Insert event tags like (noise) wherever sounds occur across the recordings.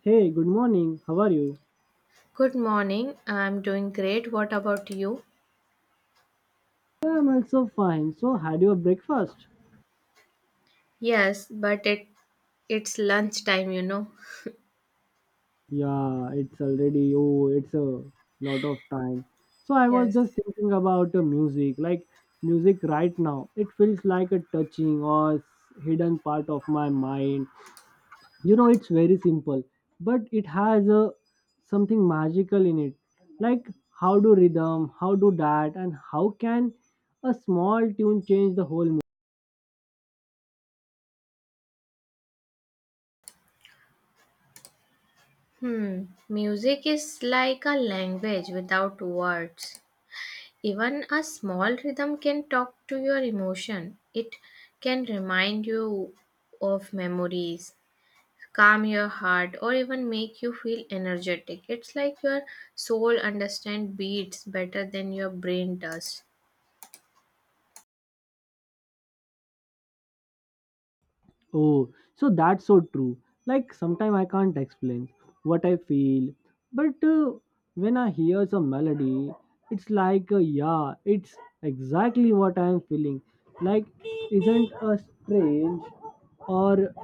Hey, good morning. How are you? Good morning. I'm doing great. What about you? Yeah, I'm also fine. So, had your breakfast? Yes, but it's lunchtime, you know. Yeah, it's already, oh, it's a lot of time. So, I was just Yes. thinking about music. Like, music right now, it feels like a touching or hidden part of my mind. You know, it's very simple, but it has a, something magical in it. Like, how do rhythm, how do that, and how can a small tune change the whole. Hmm. Music is like a language without words. Even a small rhythm can talk to your emotion. It can remind you of memories, calm your heart, or even make you feel energetic. It's like your soul understand beats better than your brain does. Oh, so that's so true. Like sometimes I can't explain what I feel, but when I hear some melody, it's like yeah, it's exactly what I am feeling. Like isn't a strange or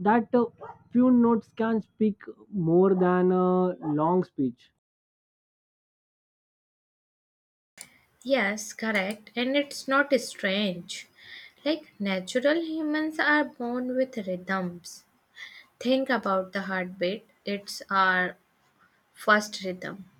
that few notes can speak more than a long speech. Yes, correct. And it's not strange. Like natural humans are born with rhythms. Think about the heartbeat, it's our first rhythm.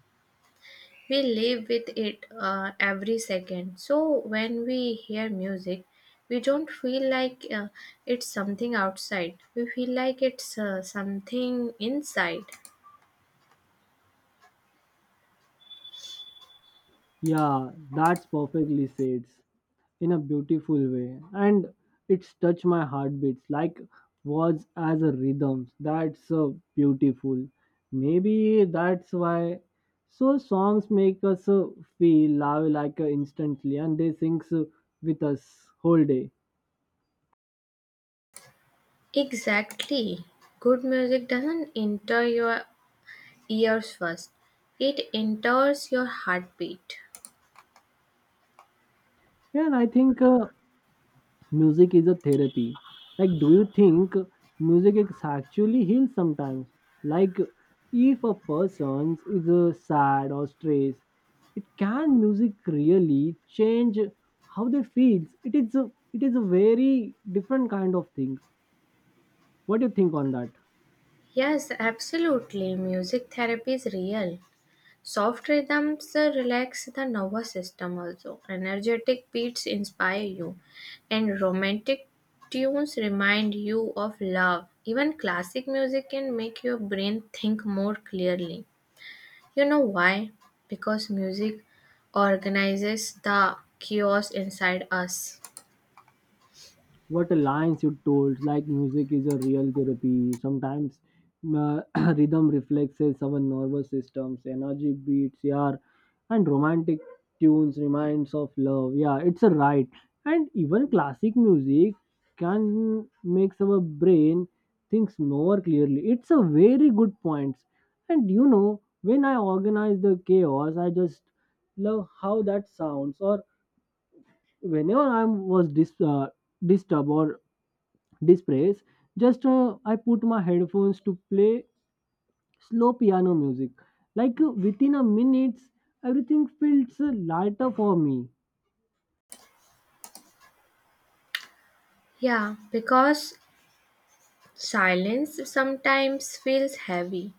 We live with it every second. So when we hear music, we don't feel like it's something outside. We feel like it's something inside. Yeah, that's perfectly said. In a beautiful way and it's touched my heartbeats like was as a rhythm that's so beautiful, maybe that's why so songs make us feel love like instantly, and they sings with us whole day. Exactly. Good music doesn't enter your ears first. It enters your heartbeat. Yeah, and I think music is a therapy. Like, do you think music is actually heals sometimes, like if a person is sad or stressed, it can music really change how they feel. It is a very different kind of things. What do you think on that? Yes, absolutely. Music therapy is real. Soft rhythms relax the nervous system also. Energetic beats inspire you, and romantic tunes remind you of love. Even classic music can make your brain think more clearly. You know why? Because music organizes the chaos inside us. What lines you told like music is a real therapy sometimes, uh, (clears throat) rhythm reflexes our nervous systems energy beats, yeah, and romantic tunes reminds of love, yeah, it's a right. And even classic music can makes our brain thinks more clearly, it's a very good point. And you know, when I organize the chaos, I just love how that sounds. Or whenever I was disturbed or displays, just I put my headphones to play slow piano music, like within a minute everything feels lighter for me. Yeah, because silence sometimes feels heavy,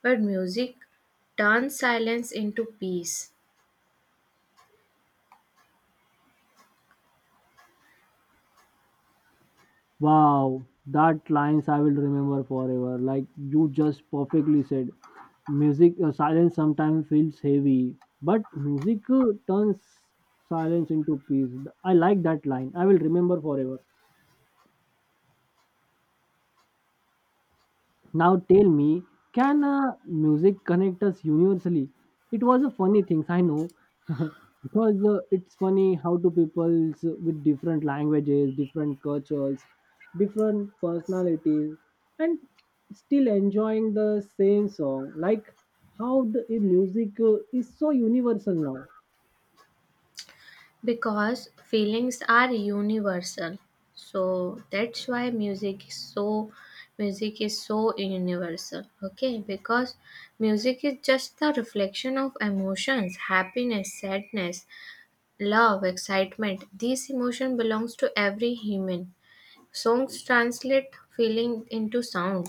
but music turns silence into peace Wow, that lines I will remember forever, like you just perfectly said. Music, silence sometimes feels heavy, but music turns silence into peace. I like that line, I will remember forever. Now tell me, can music connect us universally? It was a funny thing, I know, (laughs) because it's funny how two peoples with different languages, different cultures, different personalities, and still enjoying the same song. Like how the music is so universal now. because feelings are universal. So that's why music is so universal. Okay, because music is just the reflection of emotions, happiness, sadness, love, excitement. These emotion belongs to every human. Songs translate feeling into sound.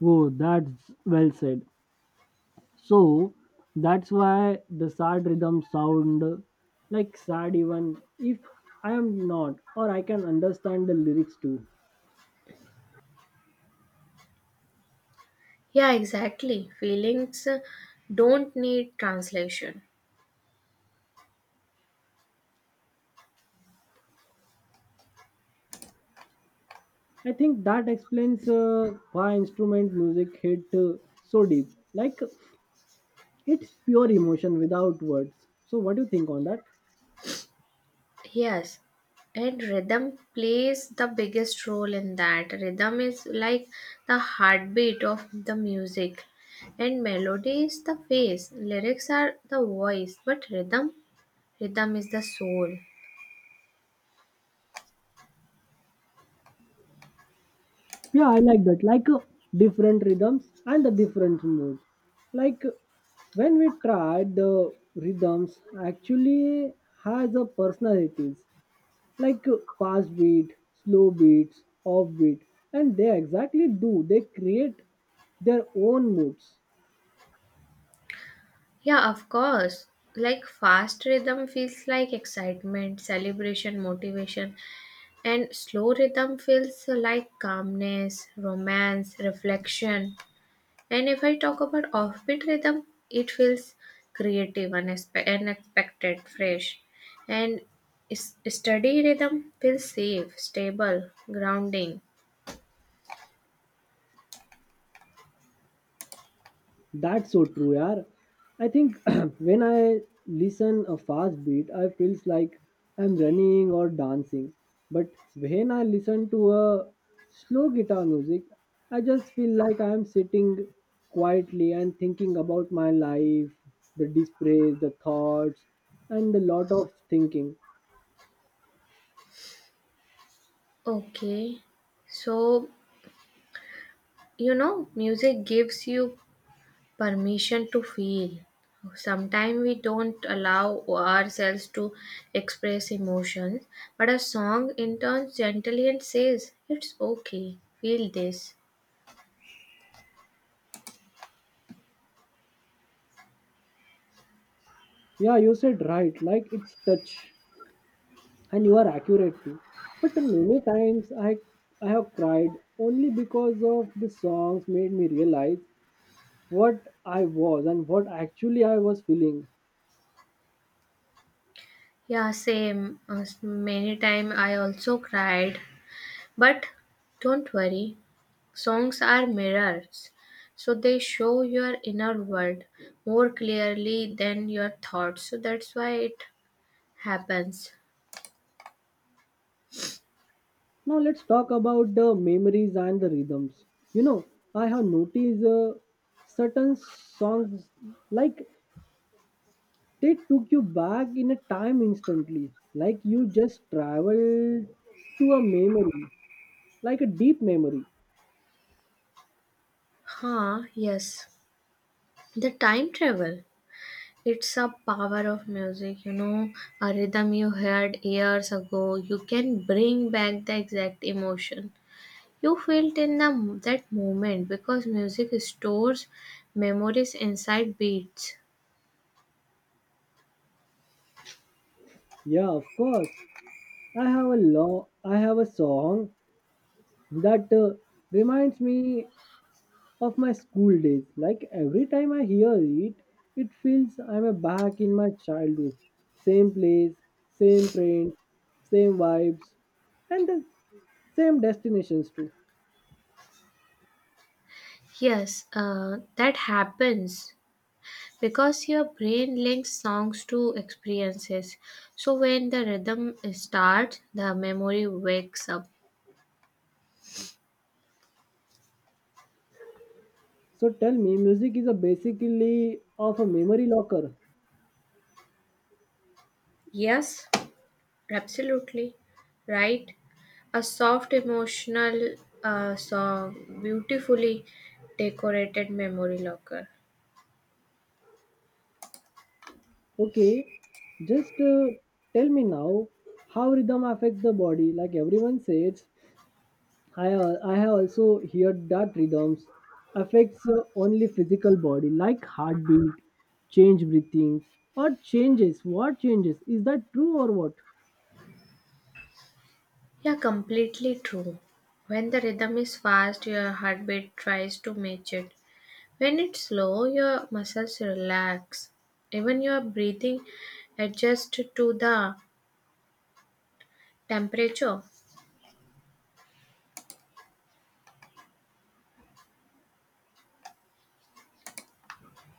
Whoa, that's well said. So that's why the sad rhythm sound like sad, even if I am not or I can understand the lyrics too. Yeah, exactly. Feelings don't need translation. I think that explains why instrument music hit so deep. Like, it's pure emotion without words. So what do you think on that? Yes, and rhythm plays the biggest role in that. Rhythm is like the heartbeat of the music, and melody is the face. Lyrics are the voice, but rhythm is the soul. Yeah, I like that. Like different rhythms and the different mood. Like when we tried the rhythms actually has a personalities, like fast beat, slow beats, offbeat, and they exactly do. They create their own moods. Yeah, of course. Like fast rhythm feels like excitement, celebration, motivation, and slow rhythm feels like calmness, romance, reflection. And if I talk about offbeat rhythm, it feels creative, unexpected, fresh. And steady rhythm feels safe, stable, grounding. That's so true, yaar. I think (clears throat) when I listen a fast beat, I feels like I'm running or dancing. But when I listen to a slow guitar music, I just feel like I'm sitting quietly and thinking about my life, the dispraise, the thoughts, and a lot of thinking. Okay, so you know, music gives you permission to feel. Sometimes we don't allow ourselves to express emotions, but a song interns gently and says, It's okay, feel this. Yeah, you said right. Like, it's touch, and you are accurate too. But many times I have cried only because of the songs made me realize what I was and what actually I was feeling. Yeah, same. Many times I also cried, but don't worry, songs are mirrors, so they show your inner world more clearly than your thoughts, so that's why it happens. Now let's talk about the memories and the rhythms. You know, I have noticed certain songs like they took you back in a time instantly, like you just traveled to a memory, like a deep memory. Huh, yes. The time travel. It's a power of music, you know, a rhythm you heard years ago. You can bring back the exact emotion you felt in that moment because music stores memories inside beats. Yeah, of course. I have a long, I have a song that reminds me of my school days. Like every time I hear it, it feels I'm a back in my childhood. Same place, same friends, same vibes, and the same destinations too. Yes, that happens because your brain links songs to experiences. So when the rhythm starts, the memory wakes up. So tell me, music is a basically of a memory locker. Yes. Absolutely right. A soft, emotional song, beautifully decorated memory locker. Okay, just tell me now how rhythm affects the body. Like, everyone says, I have also heard that rhythms affects only physical body like heartbeat, change breathing or changes. What changes? Is that true or what? Yeah, completely true. When the rhythm is fast, your heartbeat tries to match it. When it's slow, your muscles relax. Even your breathing adjusts to the temperature.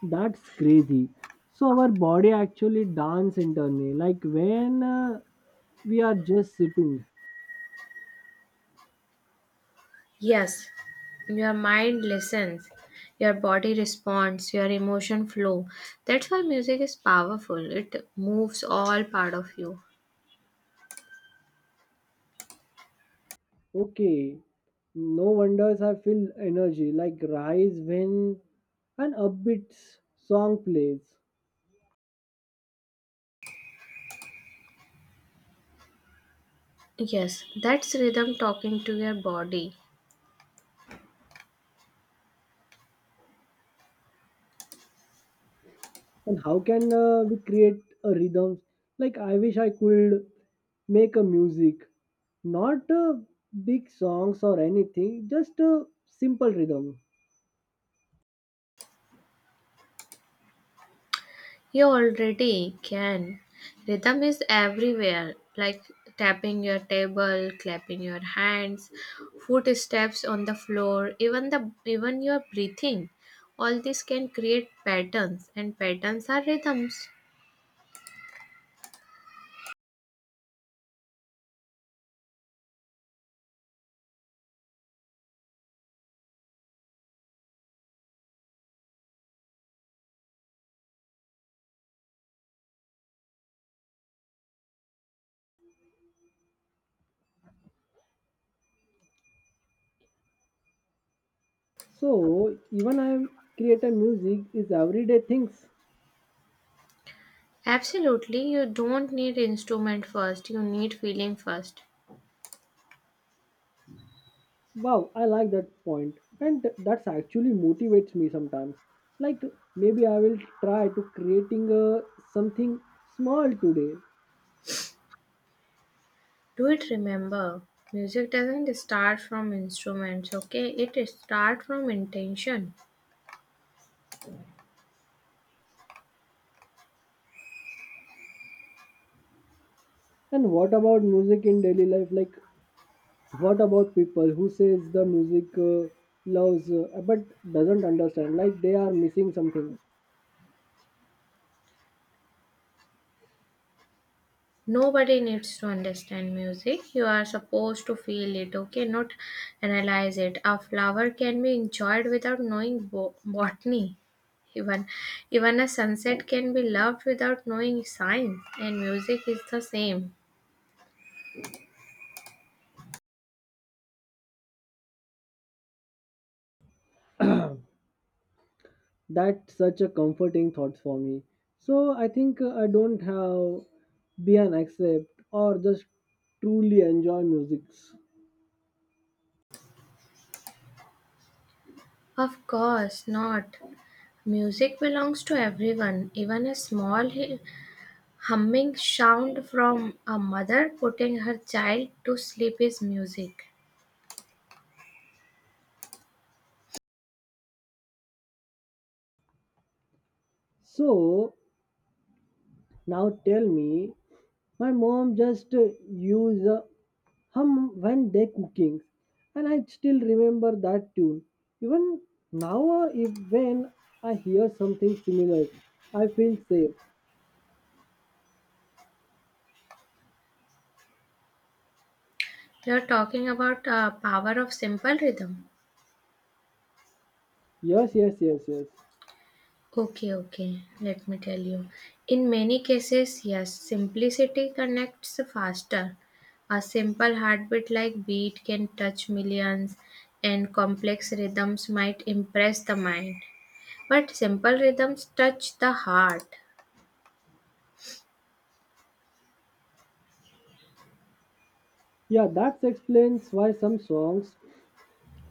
That's crazy. So our body actually dance internally, like when we are just sitting. Yes, your mind listens, your body responds, your emotion flow. That's why music is powerful. It moves all part of you. Okay, no wonders I feel energy like rise when an upbeat song plays. Yes, that's rhythm talking to your body. And how can we create a rhythm? Like, I wish I could make a music, not big songs or anything, just a simple rhythm. You already can. Rhythm is everywhere, like tapping your table, clapping your hands, footsteps on the floor, even your breathing. All this can create patterns and patterns are rhythms. So even I create a music is everyday things. Absolutely, you don't need instrument first, you need feeling first. Wow, I like that point, and that's actually motivates me sometimes. Like maybe I will try to creating a something small today. Do it remember, music doesn't start from instruments, okay? It starts from intention. And what about music in daily life? Like, what about people who says the music loves but doesn't understand, like they are missing something. Nobody needs to understand music. You are supposed to feel it, okay? Not analyze it. A flower can be enjoyed without knowing botany. Even, even a sunset can be loved without knowing science, and music is the same. That's such a comforting thought for me. So I think I don't have be an accept or just truly enjoy music. Of course not. Music belongs to everyone, even a small humming sound from a mother putting her child to sleep is music. So now tell me, my mom just use hum when they cooking, and I still remember that tune. Even now, if when I hear something similar, I feel safe. You are talking about power of simple rhythm. Yes, yes, yes, yes. Okay, let me tell you. In many cases, yes, simplicity connects faster. A simple heartbeat like beat can touch millions, and complex rhythms might impress the mind. But simple rhythms touch the heart. Yeah, that explains why some songs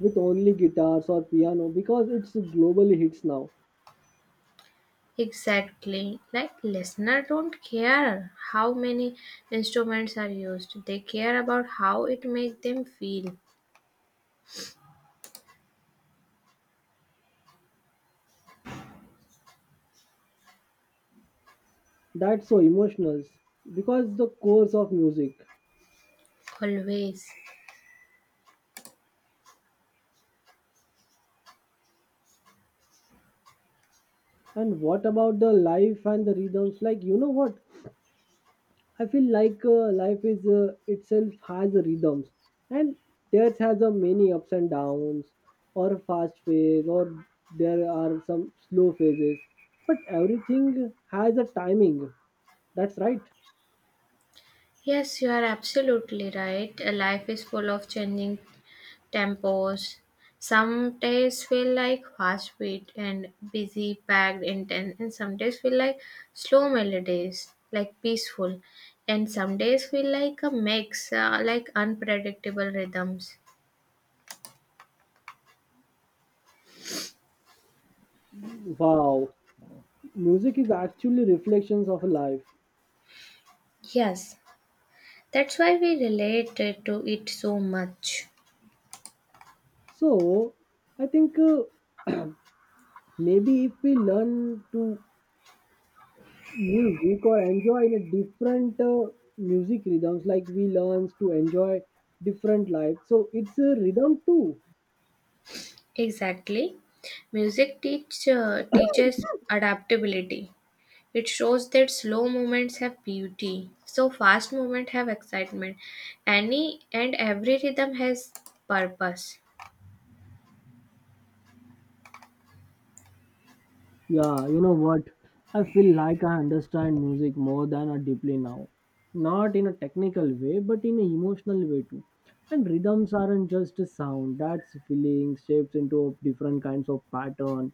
with only guitars or piano because it's globally hits now. Exactly. Like listener don't care how many instruments are used. They care about how it makes them feel. That's so emotional because the course of music. Always. And what about the life and the rhythms? Like, you know what? I feel like life is itself has rhythms, and theirs has a many ups and downs, or a fast phase, or there are some slow phases. But everything has a timing. That's right. Yes, you are absolutely right. Life is full of changing tempos. Some days feel like fast beat and busy, packed, intense, and some days feel like slow melodies, like peaceful, and some days feel like a mix, like unpredictable rhythms. Wow, music is actually reflections of life. Yes, that's why we relate to it so much. So I think maybe if we learn to music or enjoy in a different music rhythms, like we learns to enjoy different life, so it's a rhythm too. Exactly. Teaches adaptability. It shows that slow movements have beauty, so fast movement have excitement. Any and every rhythm has purpose. Yeah, you know what? I feel like I understand music more than I deeply now. Not in a technical way, but in an emotional way too. And rhythms aren't just a sound, that's feeling shapes into a different kinds of pattern.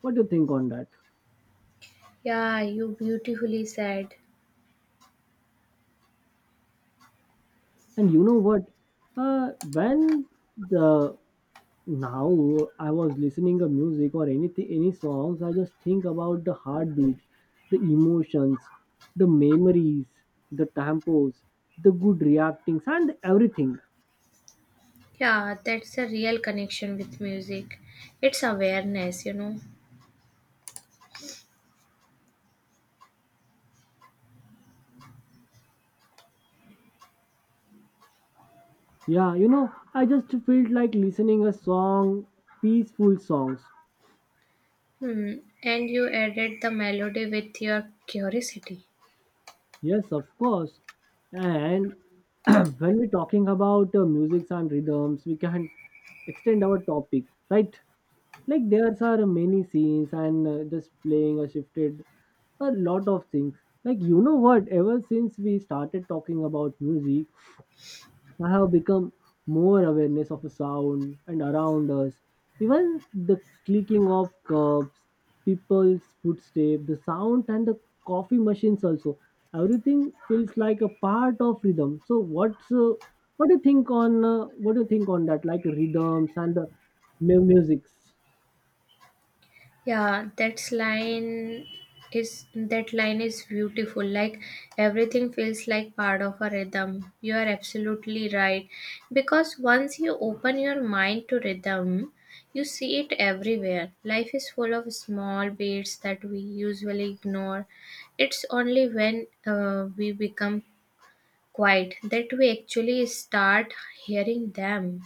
What do you think on that? Yeah, you beautifully said. And you know what? When the now I was listening a music or anything any songs, I just think about the heartbeats, the emotions, the memories, the tempos, the good reactings, and everything. Yeah, that's a real connection with music. It's awareness, you know. Yeah, you know, I just felt like listening a song, peaceful songs. Hmm. And you added the melody with your curiosity. Yes, of course. And (clears throat) when we're talking about musics and rhythms, we can extend our topic, right? Like, there are many scenes and just playing a shifted a lot of things. Like, you know what, ever since we started talking about music, I have become more awareness of a sound and around us. Even the clicking of cups, people's footsteps, the sound, and the coffee machines also, everything feels like a part of rhythm. So what do you think on that, like rhythms and the musics? Yeah, that line is beautiful. Like everything feels like part of a rhythm. You are absolutely right. Because once you open your mind to rhythm, you see it everywhere. Life is full of small beats that we usually ignore. It's only when we become quiet that we actually start hearing them.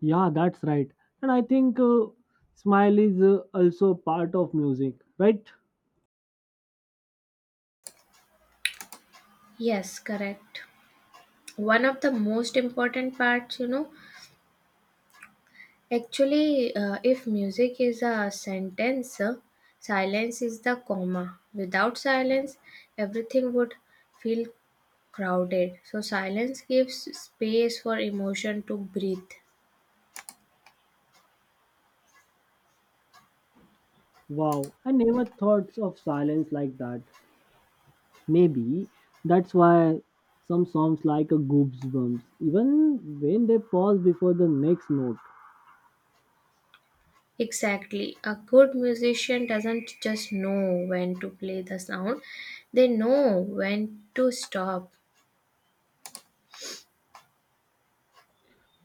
Yeah, that's right. And I think smile is also part of music, right? Yes, correct. One of the most important parts, you know, actually, if music is a sentence, silence is the comma. Without silence, everything would feel crowded. So, silence gives space for emotion to breathe. Wow, I never thought of silence like that. Maybe that's why some songs like a goosebumps, even when they pause before the next note. Exactly. A good musician doesn't just know when to play the sound, they know when to stop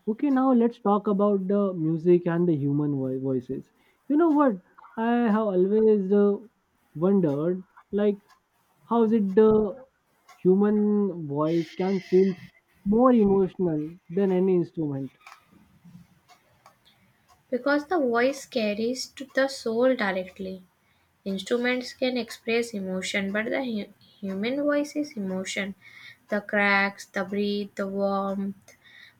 Okay, now let's talk about the music and the human voices. You know what? I have always wondered, like, how is it the human voice can feel more emotional than any instrument? because the voice carries to the soul directly. Instruments can express emotion, but the human voice is emotion. The cracks, the breath, the warmth,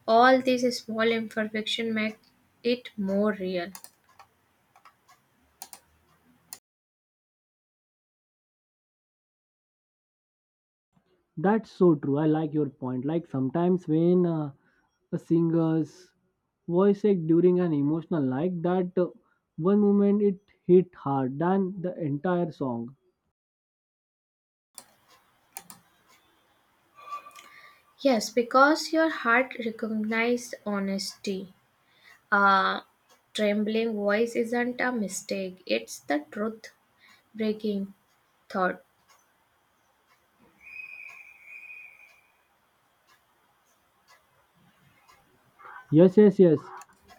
all these small imperfection make it more real. That's so true. I like your point. Like sometimes when a singer's voice act during an emotional like that, one moment it hit hard than the entire song. Yes, because your heart recognized honesty. A trembling voice isn't a mistake, it's the truth breaking thought. Yes, yes, yes.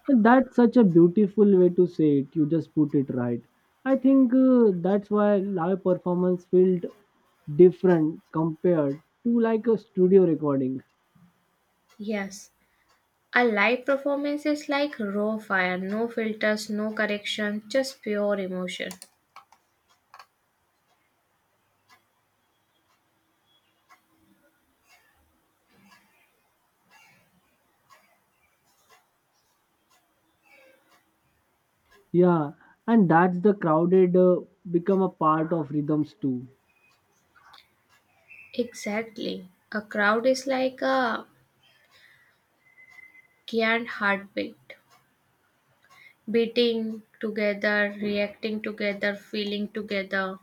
And that's such a beautiful way to say it. You just put it right. I think that's why live performance felt different compared to like a studio recording. Yes. A live performance is like raw fire, no filters, no correction, just pure emotion. Yeah, and that's the crowded become a part of rhythms too. Exactly. A crowd is like a giant heartbeat, beating together, reacting together, feeling together.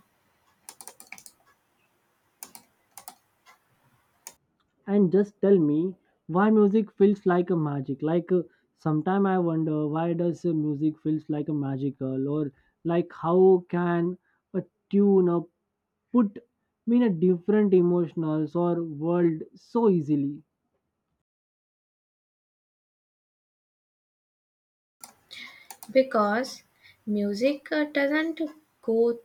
And just tell me why music feels like a magic. Like sometime I wonder why does music feels like a magical, or like how can a tune up put me in a different emotionals or world so easily. Because music doesn't go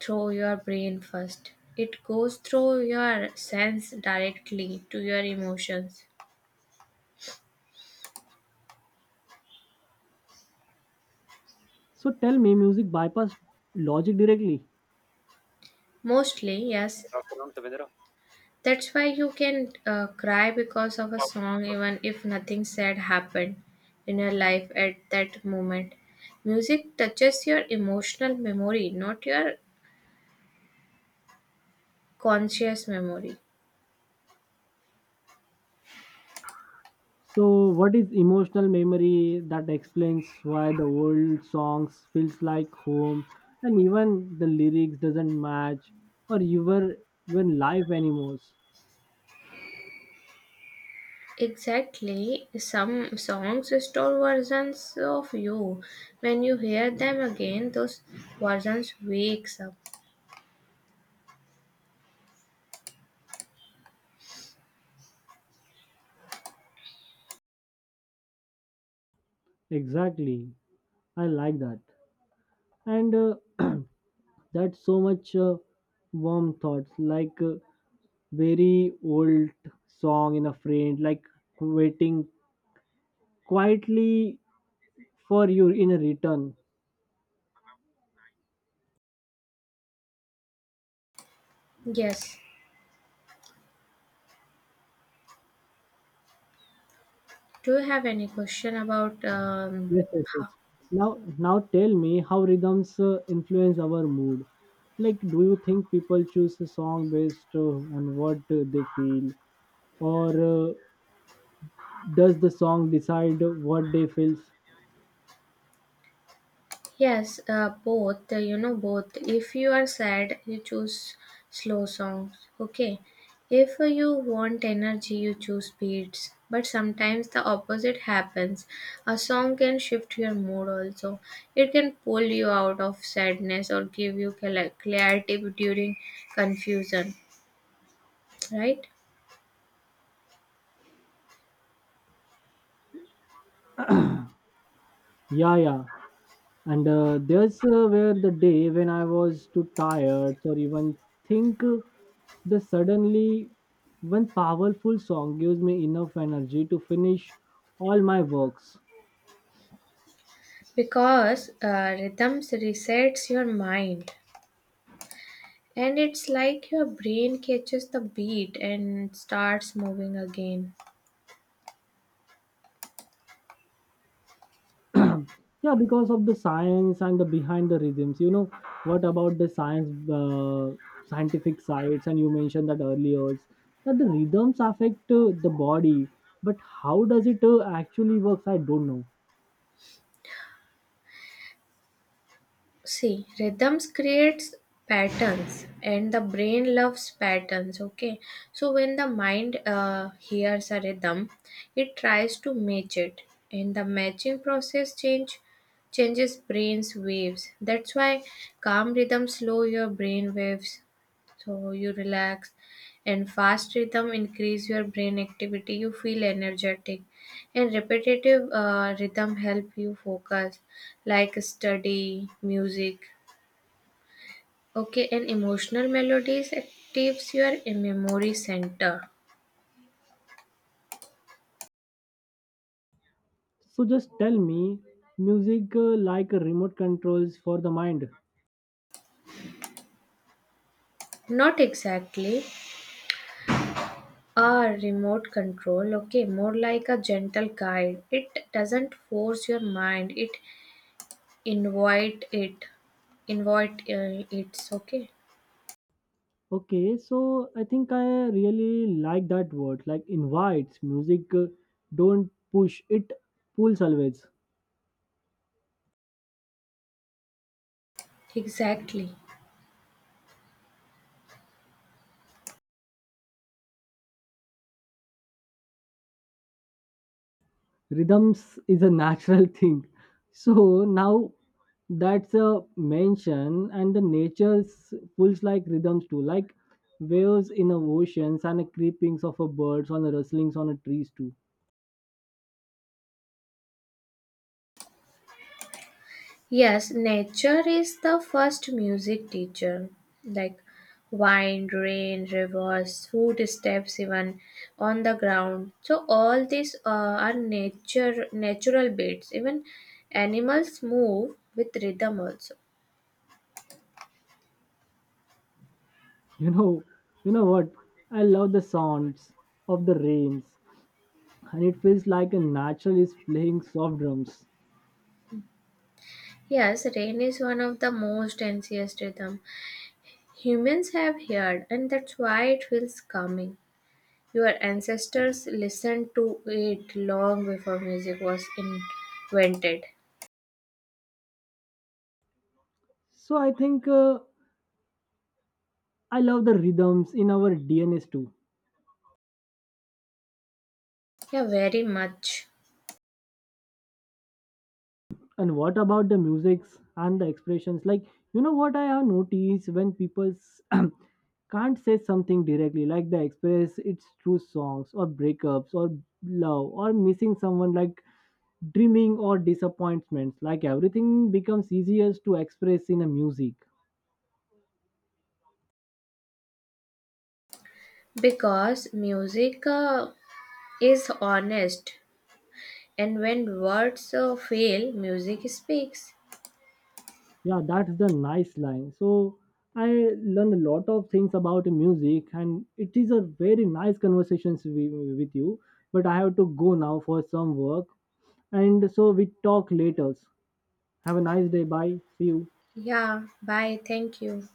through your brain first, it goes through your sense directly to your emotions. So tell me, music bypass logic directly. Mostly, yes, that's why you can cry because of a song, even if nothing sad happened in your life at that moment. Music touches your emotional memory, not your conscious memory. So what is emotional memory that explains why the old songs feels like home, and even the lyrics doesn't match or even life anymore? Exactly, some songs restore versions of you. When you hear them again, those versions wakes up. Exactly, I like that, and (clears throat) that's so much warm thoughts. Like very old song in a friend, like waiting quietly for you in a return. Yes. Do you have any question about Yes, yes, how? yes. Now, now tell me how rhythms influence our mood. Like, do you think people choose a song based on what they feel, or uh, does the song decide what they feel? Yes, both, you know, both. If you are sad, you choose slow songs, okay? If you want energy, you choose beats. But sometimes the opposite happens. A song can shift your mood also. It can pull you out of sadness or give you clarity during confusion, right? Yeah, yeah. And there's where the day when I was too tired or even think the suddenly one powerful song gives me enough energy to finish all my works. Because rhythms resets your mind. And it's like your brain catches the beat and starts moving again. Yeah, because of the science and the behind the rhythms. You know what about the science, scientific sides, and you mentioned that earlier that the rhythms affect the body, but how does it actually works, I don't know. See, rhythms creates patterns and the brain loves patterns, okay? So when the mind hears a rhythm, it tries to match it and the matching process changes brain's waves. That's why calm rhythms slow your brain waves so you relax and fast rhythm increase your brain activity you feel energetic and repetitive rhythm help you focus like study, music, okay, and emotional melodies actives your memory center. So just tell me, music like a remote controls for the mind. Not exactly a remote control, okay, more like a gentle guide. It doesn't force your mind, it invite it, invite it's okay. Okay, so I think I really like that word like invites music, don't push it, pulls always. Exactly. Rhythms is a natural (laughs) thing. So now that's a mention and the nature's pulls like rhythms too, like waves in a oceans and the creepings of a birds on the rustlings on a trees too. Yes, nature is the first music teacher. Like wind, rain, rivers, footsteps, even on the ground. So all these are natural beats. Even animals move with rhythm also. you know you know what, I love the sounds of the rains, and it feels like a natural is playing soft drums. Yes, rain is one of the most ancient rhythm humans have heard, and that's why it feels calming. Your ancestors listened to it long before music was invented. So I think I love the rhythms in our dns too. Yeah, very much. And what about the musics and the expressions? Like, you know what, I have noticed when people (clears throat) can't say something directly, like they express it's through songs or breakups or love or missing someone, like dreaming or disappointments. Like everything becomes easier to express in a music. Because music is honest, and when words fail, music speaks. Yeah, that's the nice line. So I learn a lot of things about music, and it is a very nice conversations with you, but I have to go now for some work, and so we talk later. Have a nice day. Bye, see you. Yeah, bye. Thank you.